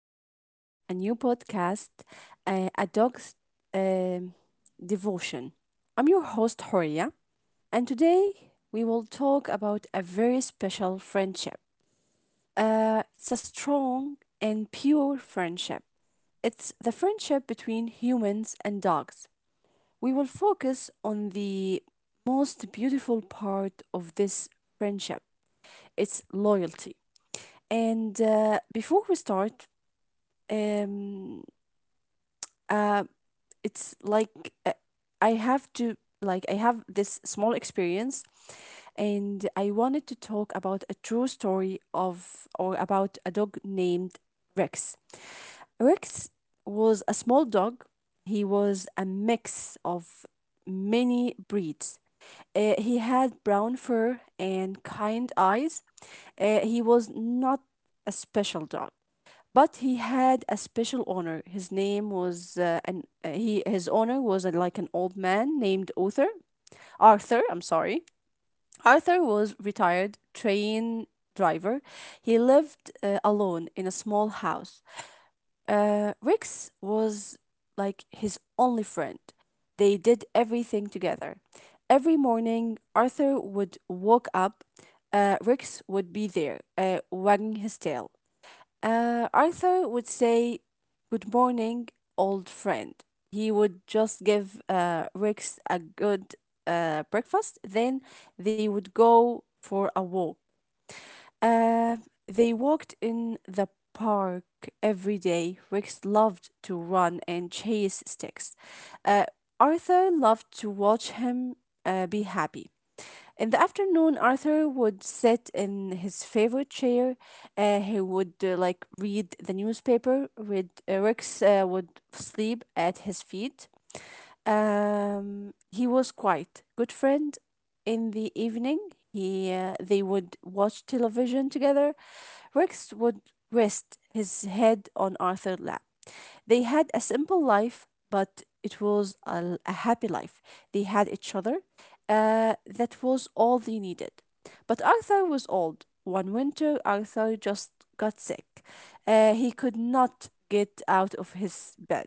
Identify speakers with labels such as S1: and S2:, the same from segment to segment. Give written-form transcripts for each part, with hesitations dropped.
S1: to a new podcast, A Dog's um Devotion. I'm your host, Horia, and today we will talk about a very special friendship. It's a strong and pure friendship, it's the friendship between humans and dogs. We will focus on the most beautiful part of this friendship, it's loyalty. And Before we start, um uh it's like uh, I have to, I have this small experience, and I wanted to talk about a true story of or about a dog named Rex. Rex was a small dog, he was a mix of many breeds. He had brown fur and kind eyes. He was not a special dog, but he had a special honor. His honor was like an old man named Arthur. Arthur, I'm sorry. Arthur was retired train driver. He lived alone in a small house. Rex was like his only friend. They did everything together. Every morning, Arthur would walk up. Rex would be there, wagging his tail. Arthur would say, "Good morning, old friend." He would just give Rex a good breakfast. Then they would go for a walk. Uh, they walked in the park every day. Rex loved to run and chase sticks. Uh, Arthur loved to watch him be happy. In the afternoon, Arthur would sit in his favorite chair. He would like read the newspaper. Read, Rex would sleep at his feet. He was quite good friend. In the evening, he they would watch television together. Rex would rest his head on Arthur's lap. They had a simple life, but it was a happy life. They had each other. That was all they needed. But Arthur was old. One winter, Arthur just got sick. He could not get out of his bed.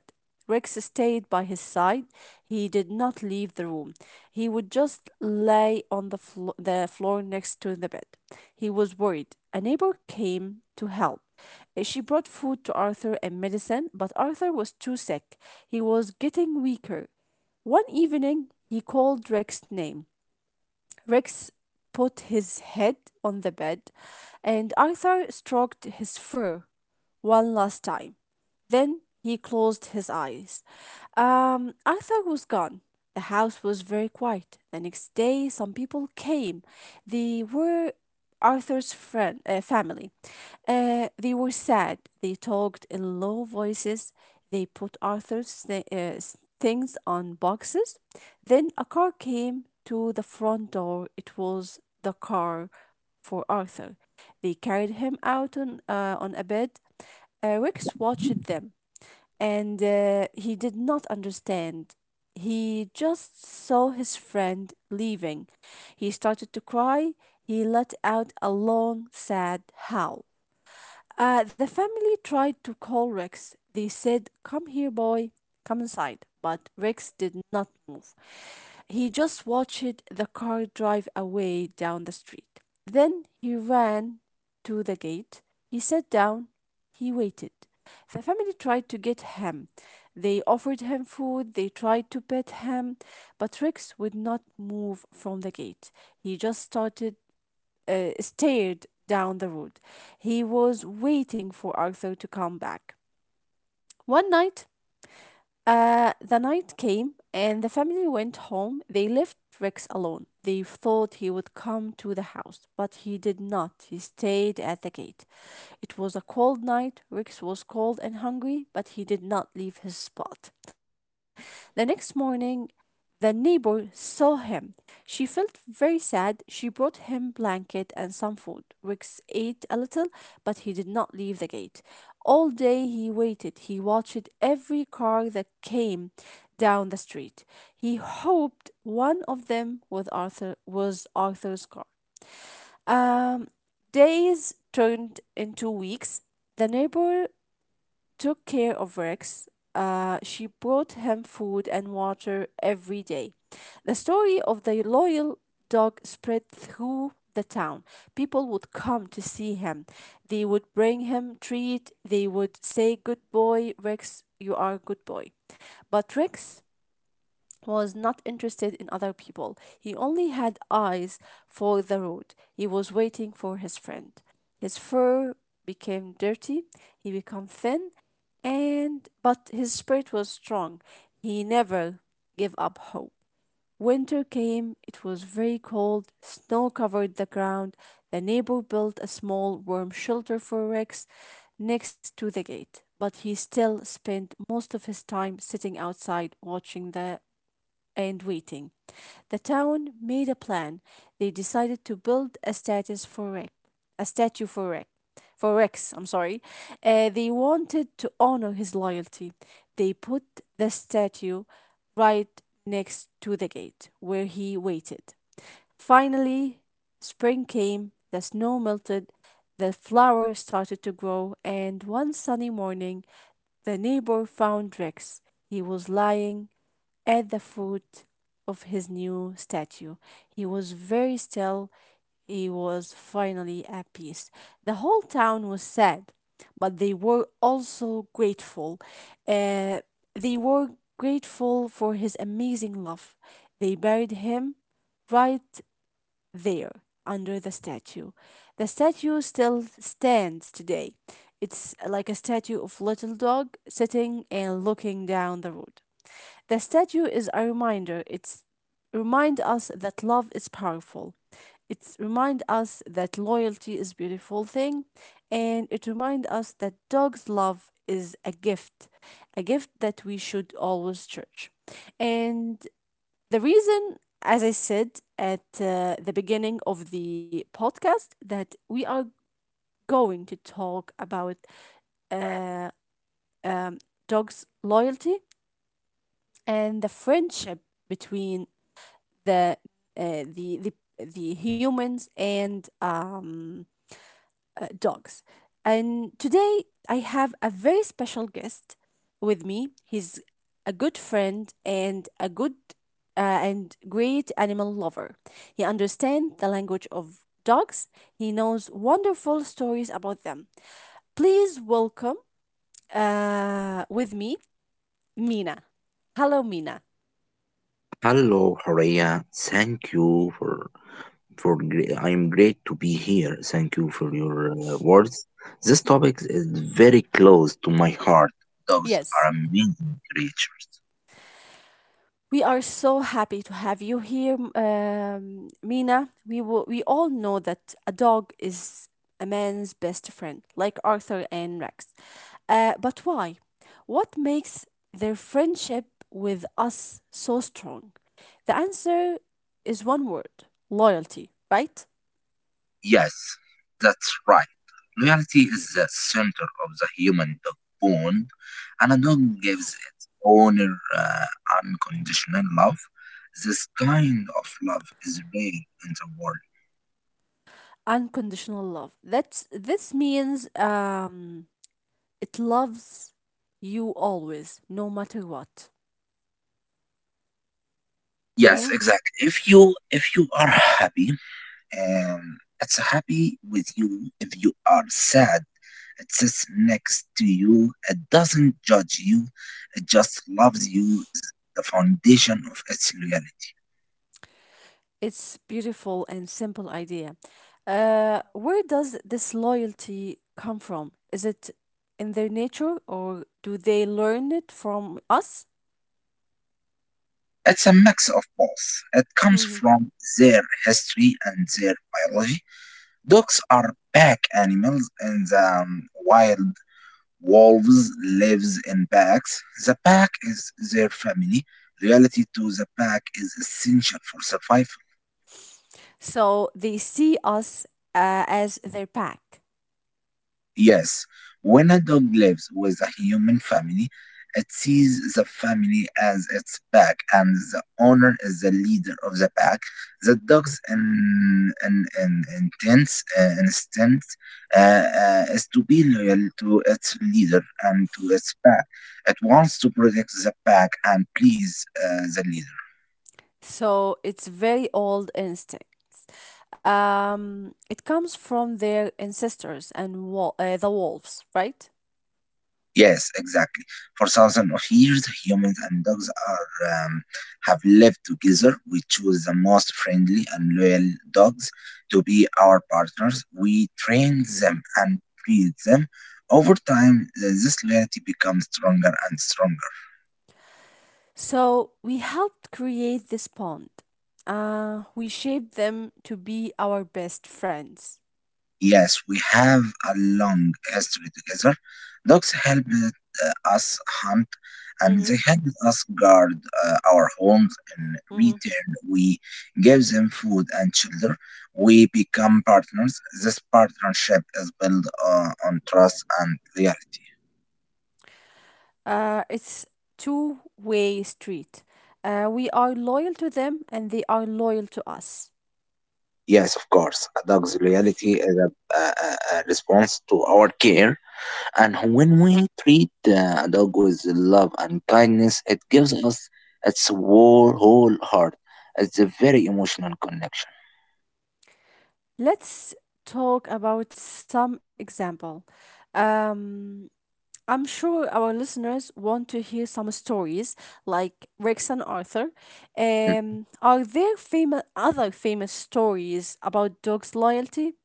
S1: Rex stayed by his side. He did not leave the room. He would just lay on the floor next to the bed. He was worried. A neighbor came to help. She brought food to Arthur and medicine, but Arthur was too sick. He was getting weaker. One evening, he called Rex's name. Rex put his head on the bed, and Arthur stroked his fur one last time. Then he closed his eyes. Arthur was gone. The house was very quiet. The next day, some people came. They were Arthur's friend family. They were sad. They talked in low voices. They put Arthur's things on boxes. Then a car came to the front door. It was the car for Arthur. They carried him out on a bed. Rex watched them, and he did not understand. He just saw his friend leaving. He started to cry. He let out a long, sad howl. The family tried to call Rex. They said, "Come here, boy, come inside." But Rex did not move. He just watched the car drive away down the street. Then he ran to the gate. He sat down. He waited. The family tried to get him. They offered him food. They tried to pet him. But Rex would not move from the gate. He just started stared down the road. He was waiting for Arthur to come back. One night, the night came and the family went home. They left Rex alone. They thought he would come to the house, but he did not. He stayed at the gate. It was a cold night. Rex was cold and hungry, but he did not leave his spot. The next morning, the neighbor saw him. She felt very sad. She brought him blanket and some food. Rex ate a little, but he did not leave the gate. All day he waited. He watched every car that came down the street. He hoped one of them was Arthur's car. Um, Days turned into weeks. The neighbor took care of Rex. She brought him food and water every day. The story of the loyal dog spread through the town. People would come to see him. They would bring him treat. They would say, "Good boy, Rex, you are a good boy." But Rex was not interested in other people. He only had eyes for the road. He was waiting for his friend. His fur became dirty, he became thin, and but his spirit was strong. He never gave up hope. Winter came, it was very cold, snow covered the ground. The neighbor built a small warm shelter for Rex next to the gate, but he still spent most of his time sitting outside watching the and waiting. The town made a plan. They decided to build a status for Rex. A statue for Rex. For Rex. I'm sorry. They wanted to honor his loyalty. They put the statue right next to the gate where he waited. Finally, spring came. The snow melted. The flowers started to grow, and one sunny morning, the neighbor found Rex. He was lying at the foot of his new statue. He was very still. He was finally at peace. The whole town was sad, but they were also grateful. Uh, they were grateful for his amazing love. They buried him right there under the statue. The statue still stands today. It's like a statue of little dog sitting and looking down the road. The statue is a reminder. It's remind us that love is powerful. It remind us that loyalty is a beautiful thing, and it remind us that dog's love is a gift that we should always cherish. And the reason, as I said at the beginning of the podcast, that we are going to talk about uh, um, dog's loyalty and the friendship between the the the humans and dogs. And today I have a very special guest with me. He's a good friend and a good uh, and great animal lover. He understands the language of dogs. He knows wonderful stories about them. Please welcome with me Mina. Hello, Mina.
S2: Hello, Horea. Thank you. I am great to be here. Thank you for your words. This topic is very close to my heart. Dogs
S1: Yes.
S2: are amazing creatures.
S1: We are so happy to have you here, Mina. We all know that a dog is a man's best friend, like Arthur and Rex. But why? What makes their friendship with us so strong? The answer is one word, loyalty, right?
S2: Yes, that's right. Loyalty is the center of the human dog bond, and a dog gives its owner uh, unconditional love. This kind of love is rare in the world.
S1: Unconditional love. This means it loves you always, no matter what.
S2: Yes,
S1: Mhm.
S2: exactly. If you are happy. It's happy with you if you are sad. It sits next to you. It doesn't judge you. It just loves you. The foundation of its loyalty.
S1: It's beautiful and simple idea. Where does this loyalty come from? Is it in their nature or do they learn it from us?
S2: It's a mix of both. It comes
S1: Mhm.
S2: from their history and their biology. Dogs are pack animals, and the wild wolves lives in packs. The pack is their family. Loyalty to the pack is essential for survival.
S1: So they see us as their pack.
S2: Yes, when a dog lives with a human family, it sees the family as its pack, and the owner is the leader of the pack. The dog's intense instinct is to be loyal to its leader and to its pack. It wants to protect the pack and please the leader.
S1: So it's very old instincts. It comes from their ancestors and the wolves, right?
S2: Yes, exactly. For thousands of years, humans and dogs are have lived together. We choose the most friendly and loyal dogs to be our partners. We train them and feed them. Over time, this loyalty becomes stronger and stronger.
S1: So we helped create this pond. We shaped them to be our best friends.
S2: Yes, we have a long history together. Dogs helped us hunt and
S1: Hmm.
S2: they helped us guard our homes. In
S1: Hmm.
S2: return, we give them food and shelter. We become partners. This partnership is built on trust and loyalty.
S1: It's two-way street. We are loyal to them and they are loyal to us.
S2: Yes, of course. A dog's loyalty is a response to our care. And when we treat a dog with love and kindness, it gives us its whole, whole heart. It's a very emotional connection.
S1: Let's talk about some example. Um, I'm sure our listeners want to hear some stories like Rex and Arthur.
S2: Mm.
S1: Are there famous other famous stories about dogs' loyalty?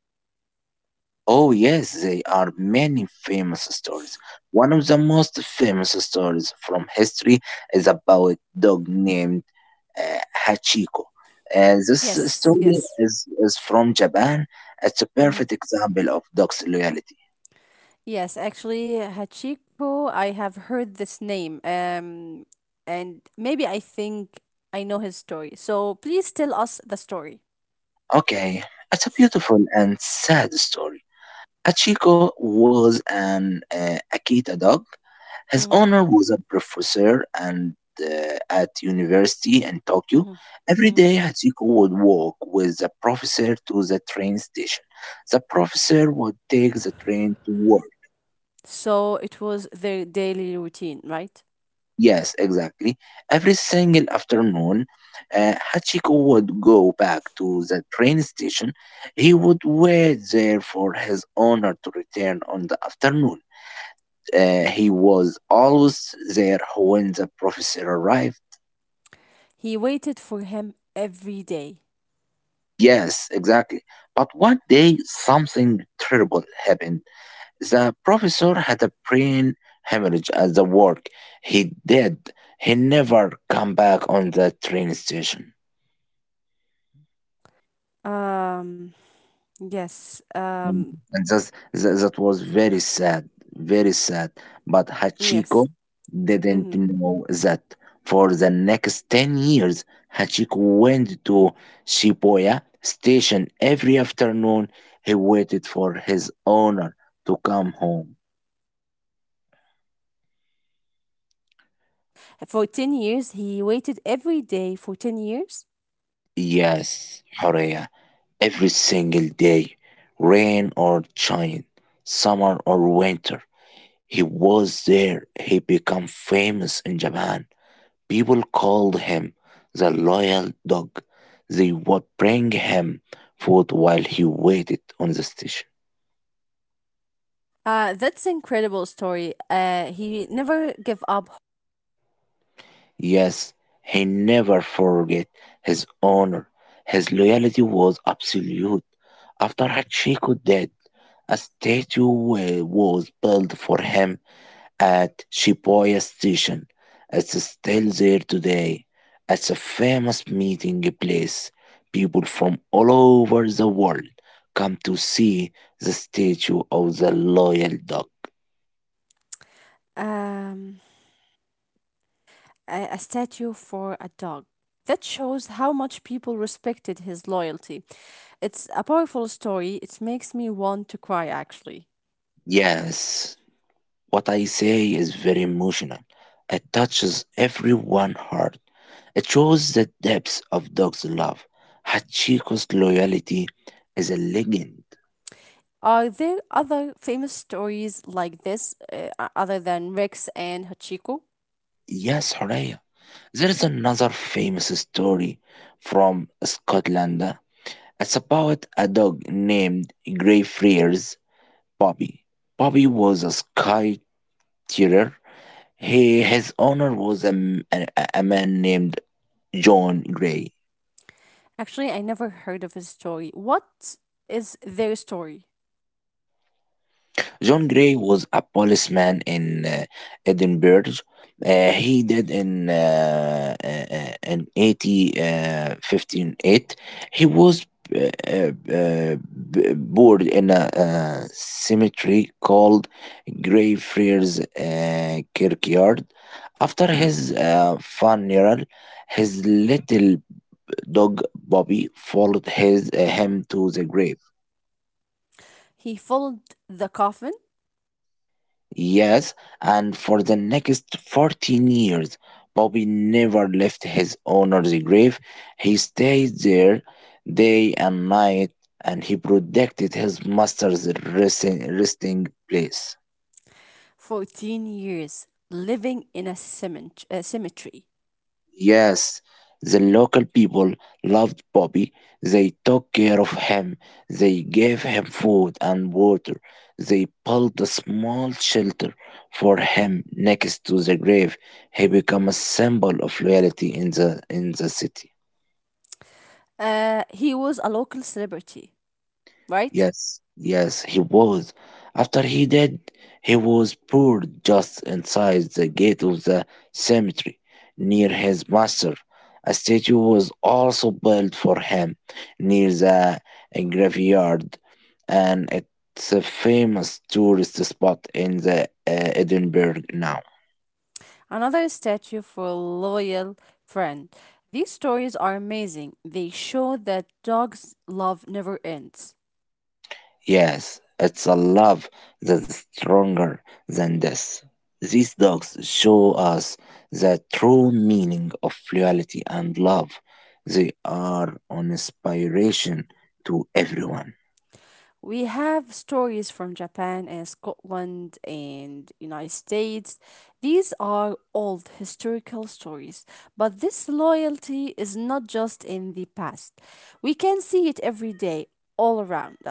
S2: Oh, yes, there are many famous stories. One of the most famous stories from history is about a dog named uh, Hachiko. This
S1: Yes,
S2: story
S1: yes.
S2: is from Japan. It's a
S1: Hmm.
S2: perfect example of dog's loyalty.
S1: Yes, actually, Hachiko, I have heard this name. And maybe I think I know his story. So please tell us the story.
S2: Okay, it's a beautiful and sad story. Achiko was an Akita dog. His
S1: Mm-hmm,
S2: owner was a professor and at university in Tokyo.
S1: mm-hmm,
S2: Every
S1: mm-hmm.
S2: day, Hachiko would walk with the professor to the train station. The professor would take the train to work.
S1: So it was their daily routine, right?
S2: Yes, exactly. Every single afternoon, Hachiko would go back to the train station. He would wait there for his owner to return on the afternoon. He was always there when the professor arrived.
S1: He waited for him every day.
S2: Yes, exactly. But one day, something terrible happened. The professor had a brain hemorrhage at the work. He did. He never come back on the train station.
S1: Um, yes.
S2: Mm. And that was very sad, very sad. But Hachiko
S1: Yes. Hmm.
S2: didn't know that. For the next 10 years, Hachiko went to Shibuya station every afternoon. He waited for his owner to come home.
S1: For 10 years, he waited every day for 10 years.
S2: Yes, Horea, every single day, rain or shine, summer or winter, he was there. He became famous in Japan. People called him the loyal dog. They would bring him food while he waited on the station.
S1: That's incredible story. He never gave up.
S2: Yes, he never forgot his honor. His loyalty was absolute. After Hachiko died, a statue was built for him at Shibuya Station. It's still there today. It's a famous meeting place. People from all over the world come to see the statue of the loyal dog.
S1: Um, a, a statue for a dog. That shows how much people respected his loyalty. It's a powerful story. It makes me want to cry, actually.
S2: Yes, what I say is very emotional. It touches everyone's heart. It shows the depths of dog's love. Hachiko's loyalty is a legend.
S1: Are there other famous stories like this, other than Rex and Hachiko?
S2: Yes, Horea. There's another famous story from Scotland. It's about a dog named Greyfriars Bobby. Bobby was a skiteer. His owner was a man named John Grey.
S1: Actually, I never heard of his story. What is their story?
S2: John Gray was a policeman in Edinburgh. He did in in 80, 158. He was uh, uh, uh, buried in a cemetery called Greyfriars Kirkyard. After his funeral, his little dog Bobby followed him to the grave.
S1: He followed the coffin.
S2: Yes, and for the next 14 years, Bobby never left his owner's grave. He stayed there day and night and he protected his master's resting place.
S1: 14 years, living in a cemetery.
S2: Yes, the local people loved Bobby. They took care of him. They gave him food and water. They built a small shelter for him next to the grave. He became a symbol of loyalty in the city.
S1: He was a local celebrity, right?
S2: Yes, yes, he was. After he died, he was poured just inside the gate of the cemetery near his master. A statue was also built for him near the graveyard, and it's a famous tourist spot in the Edinburgh now.
S1: Another statue for a loyal friend. These stories are amazing. They show that dogs' love never ends.
S2: Yes, it's a love that's stronger than death. These dogs show us the true meaning of loyalty and love. They are an inspiration to everyone.
S1: We have stories from Japan and Scotland and United States. These are old historical stories, but this loyalty is not just in the past. We can see it every day all around us.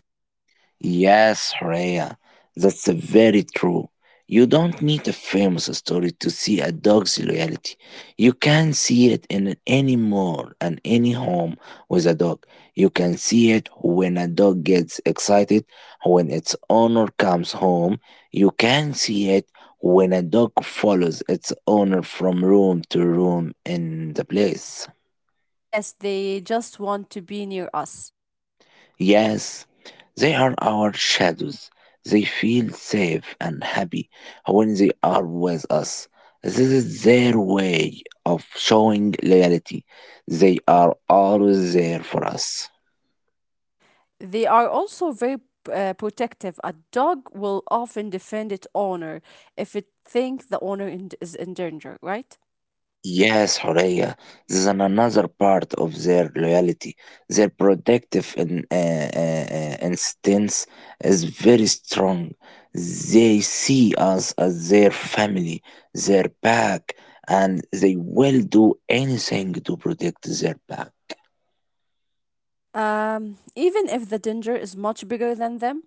S2: Yes, Rhea, that's very true. You don't need a famous story to see a dog's loyalty. You can see it in any mall and any home with a dog. You can see it when a dog gets excited, when its owner comes home. You can see it when a dog follows its owner from room to room in the place.
S1: Yes, they just want to be near us.
S2: Yes, they are our shadows. They feel safe and happy when they are with us. This is their way of showing loyalty. They are always there for us.
S1: They are also very protective. A dog will often defend its owner if it thinks the is in danger, right?
S2: Yes, Horea, this is another part of their loyalty. Their protective instincts is very strong. They see us as their family, their pack, and they will do anything to protect their pack.
S1: Even if the danger is much bigger than them,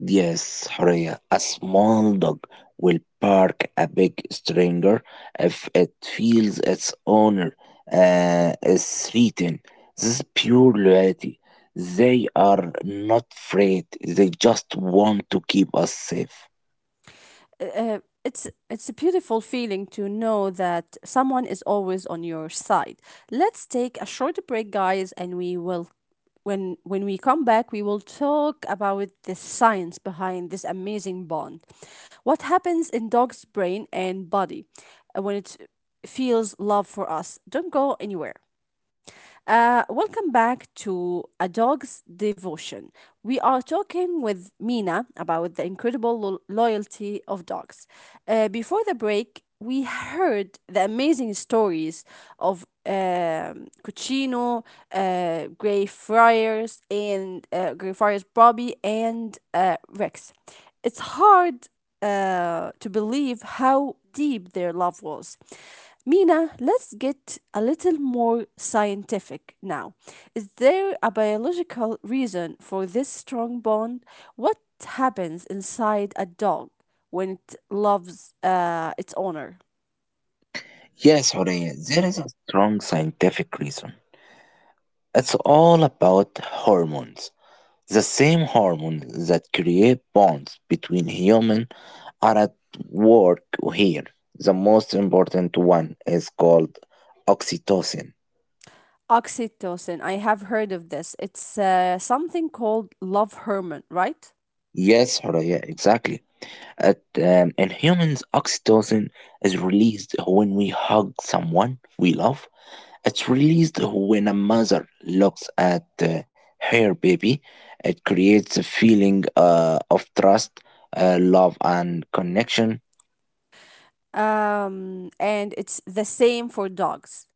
S2: Yes, Horia, a small dog will bark a big stranger if it feels its owner is threatened. This is pure loyalty. They are not afraid, they just want to keep us safe.
S1: uh, uh, it's a beautiful feeling to know that someone is always on your side. Let's take a short break, guys, and we will when we come back, we will talk about the science behind this amazing bond. What happens in dog's brain and body when it feels love for us? Don't go anywhere. Welcome back to A Dog's Devotion. We are talking with Mina about the incredible loyalty of dogs. Before the break, we heard the amazing stories of Cucino, Grey Friars, and Grey Friars Bobby, and Rex. It's hard to believe how deep their love was. Mina, let's get a little more scientific now. Is there a biological reason for this strong bond? What happens inside a dog when it loves its owner?
S2: Yes, Horia, there is a strong scientific reason. It's all about hormones. The same hormones that create bonds between humans are at work here. The most important one is called oxytocin.
S1: Oxytocin, I have heard of this. It's something called love hormone, right?
S2: Yes, Horaya, exactly. In humans, oxytocin is released when we hug someone we love. It's released when a mother looks at her baby. It creates a feeling of trust, love, and connection.
S1: And it's the same for dogs.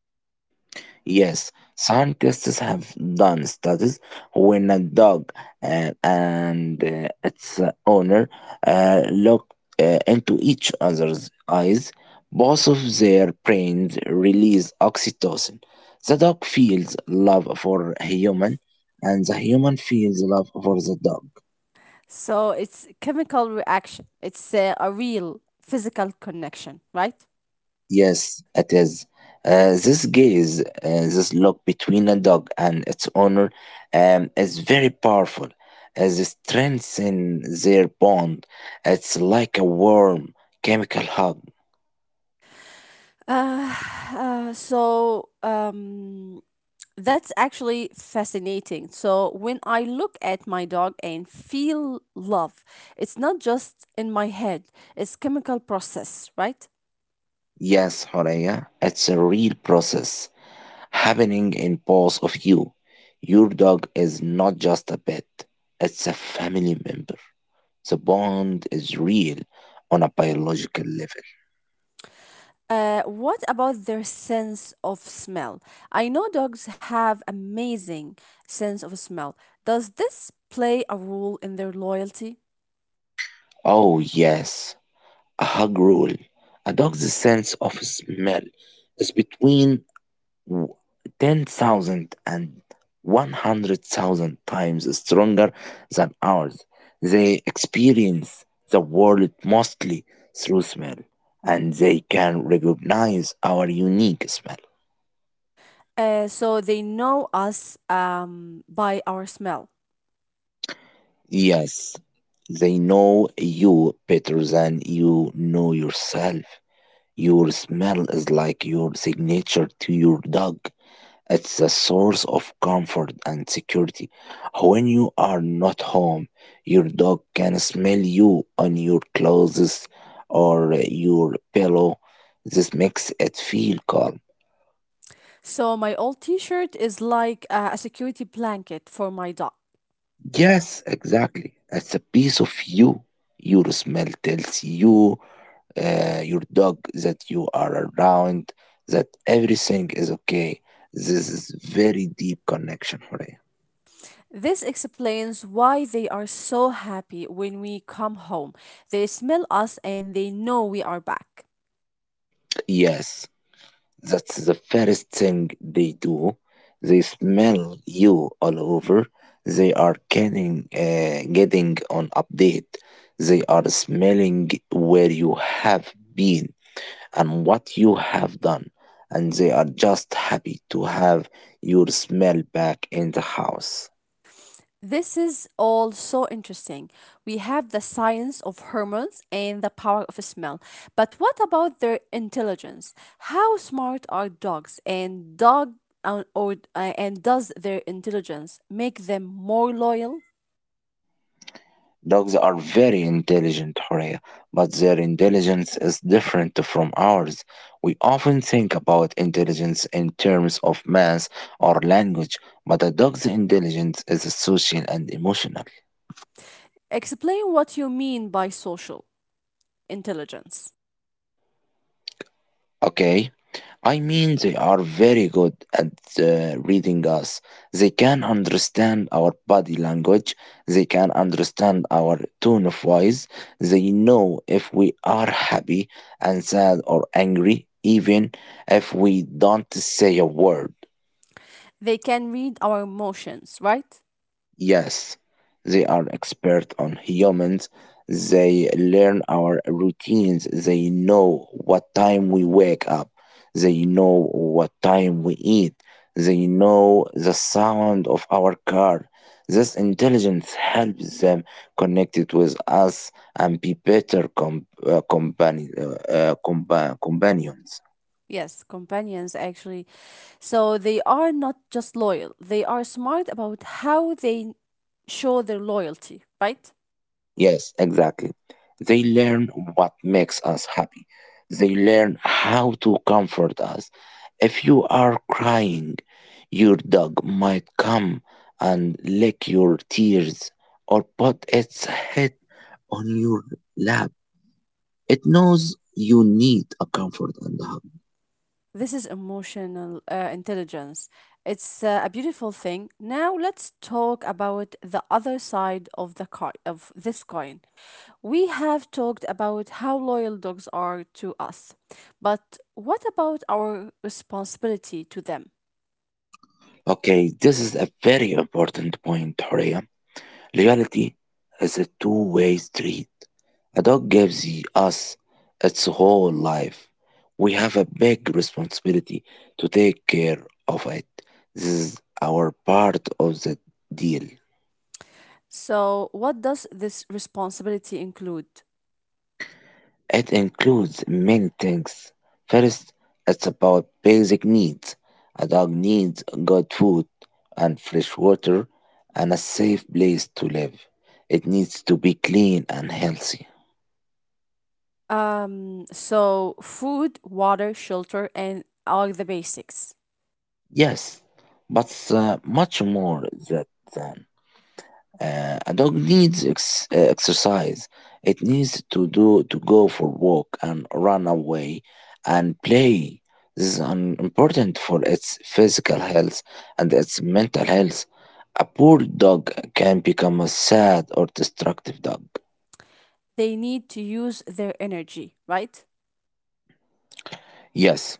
S2: Yes, scientists have done studies when a dog and its owner look into each other's eyes. Both of their brains release oxytocin. The dog feels love for a human, and the human feels love for the dog.
S1: So it's chemical reaction. It's a real physical connection, right?
S2: Yes, it is. This gaze, this look between a dog and its owner, is very powerful. As it strengthens their bond, it's like a warm chemical hug.
S1: Uh, uh, so um, that's actually fascinating. So when I look at my dog and feel love, it's not just in my head. It's chemical process, right?
S2: Yes, Horea, it's a real process happening in both of you. Your dog is not just a pet; it's a family member. The bond is real on a biological level.
S1: What about their sense of smell? I know dogs have amazing sense of smell. Does this play a role in their loyalty?
S2: Oh, yes, a hug rule. A dog's sense of smell is between w- 10,000 times stronger than ours. They experience the world mostly through smell, and they can recognize our unique smell.
S1: So they know us by our smell.
S2: Yes, they know you better than you know yourself. Your smell is like your signature to your dog. It's a source of comfort and security. When you are not home, your dog can smell you on your clothes or your pillow. This makes it feel calm.
S1: So my old T-shirt is like a security blanket for my dog.
S2: Yes, exactly. It's a piece of you. Your smell tells your dog, that you are around, that everything is okay. This is very deep connection, Horea.
S1: This explains why they are so happy when we come home. They smell us and they know we are back.
S2: Yes. That's the first thing they do. They smell you all over. They are getting on update. They are smelling where you have been and what you have done. And they are just happy to have your smell back in the house.
S1: This is all so interesting. We have the science of hormones and the power of smell. But what about their intelligence? How smart are dogs, and dog or and does their intelligence make them more loyal?
S2: Dogs are very intelligent, Horea, but their intelligence is different from ours. We often think about intelligence in terms of math or language, but a dog's intelligence is social and emotional.
S1: Explain what you mean by social intelligence.
S2: Okay? I mean, they are very good at reading us. They can understand our body language. They can understand our tone of voice. They know if we are happy and sad or angry, even if we don't say a word.
S1: They can read our emotions, right?
S2: Yes, they are expert on humans. They learn our routines. They know what time we wake up. They know what time we eat. They know the sound of our car. This intelligence helps them connect it with us and be better companions.
S1: Yes, companions actually. So they are not just loyal, they are smart about how they show their loyalty, right?
S2: Yes, exactly. They learn what makes us happy. They learn how to comfort us. If you are crying, your dog might come and lick your tears or put its head on your lap. It knows you need a comfort and a hug.
S1: This is emotional intelligence. It's a beautiful thing. Now let's talk about the other side of the coin, of this coin. We have talked about how loyal dogs are to us, but what about our responsibility to them?
S2: Okay, this is a very important point, Horia. Reality is a two-way street. A dog gives us its whole life. We have a big responsibility to take care of it. This is our part of the deal.
S1: So, what does this responsibility include?
S2: It includes many things. First, it's about basic needs. A dog needs good food and fresh water and a safe place to live. It needs to be clean and healthy.
S1: So food, water, shelter, and are the basics.
S2: Yes, but much more that um, a dog needs exercise. It needs to go for walk and run away and play. This is important for its physical health and its mental health. A poor dog can become a sad or destructive dog.
S1: They need to use their energy, right?
S2: Yes,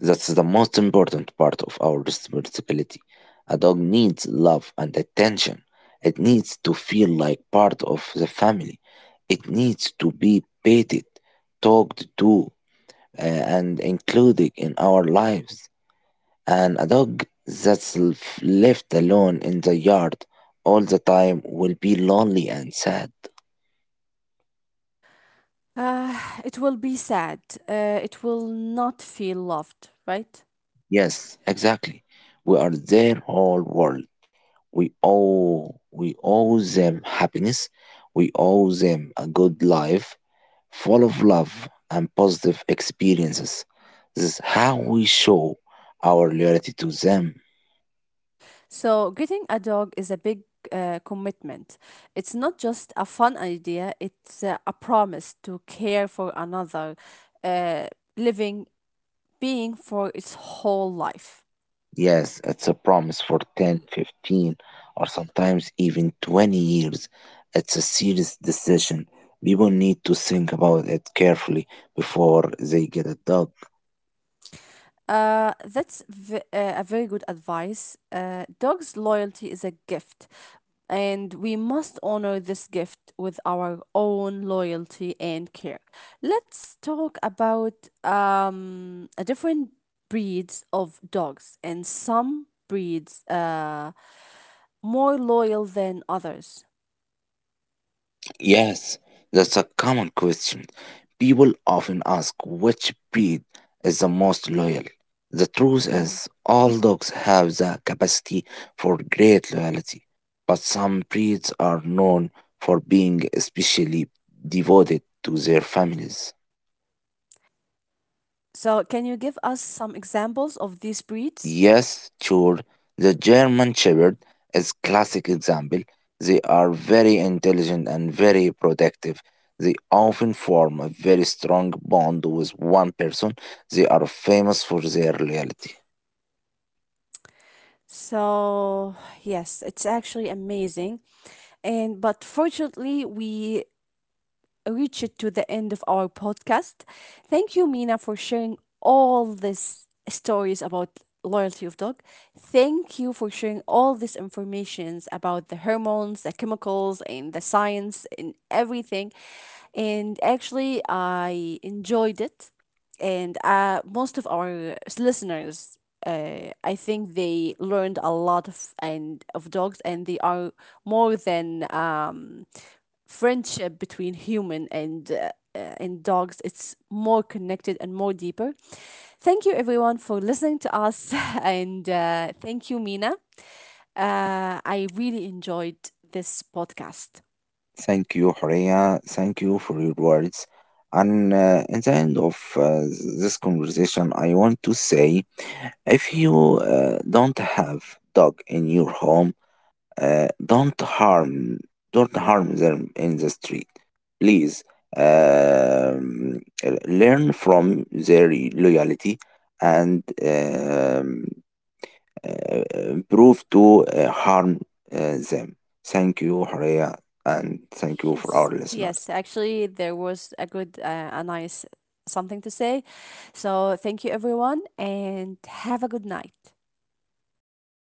S2: that's the most important part of our responsibility. A dog needs love and attention. It needs to feel like part of the family. It needs to be petted, talked to, and included in our lives. And a dog that's left alone in the yard all the time will be lonely and sad.
S1: It will be sad. It will not feel loved, right?
S2: Yes, exactly. We are their whole world. We owe them happiness. We owe them a good life full of love and positive experiences. This is how we show our loyalty to them.
S1: So getting a dog is a big commitment. It's not just a fun idea. It's a promise to care for another uh, living being for its whole life.
S2: Yes, it's a promise for 10, 15, or sometimes even 20 years. It's a serious decision. People need to think about it carefully before they get a dog.
S1: That's a very good advice. Dog's loyalty is a gift, and we must honor this gift with our own loyalty and care. Let's talk about a different breeds of dogs, and some breeds more loyal than others.
S2: Yes, that's a common question. People often ask which breed is the most loyal. The truth
S1: Mhm.
S2: is, all dogs have the capacity for great loyalty, but some breeds are known for being especially devoted to their families.
S1: So, can you give us some examples of these breeds?
S2: Yes, sure. The German Shepherd is classic example. They are very intelligent and very protective. They often form a very strong bond with one person. They are famous for their loyalty.
S1: So yes, it's actually amazing. And but fortunately, we reached to the end of our podcast. Thank you, Mina, for sharing all these stories about loyalty of dog. Thank you for sharing all these informations about the hormones, the chemicals, and the science and everything. And actually, I enjoyed it, and most of our listeners, I think they learned a lot of and of dogs, and they are more than friendship between human and dogs. It's more connected and more deeper. Thank you everyone for listening to us and thank you, Mina. I really enjoyed this podcast.
S2: Thank you, Horea. Thank you for your words. And in the end of this conversation, I want to say if you don't have dog in your home, uh, don't harm don't harm them in the street. Please um, learn from their loyalty and improve to harm them. Thank you, Horea, and thank you for our
S1: Yes. Yes,
S2: listeners.
S1: actually there was a good a nice something to say. So thank you everyone, and have a good night.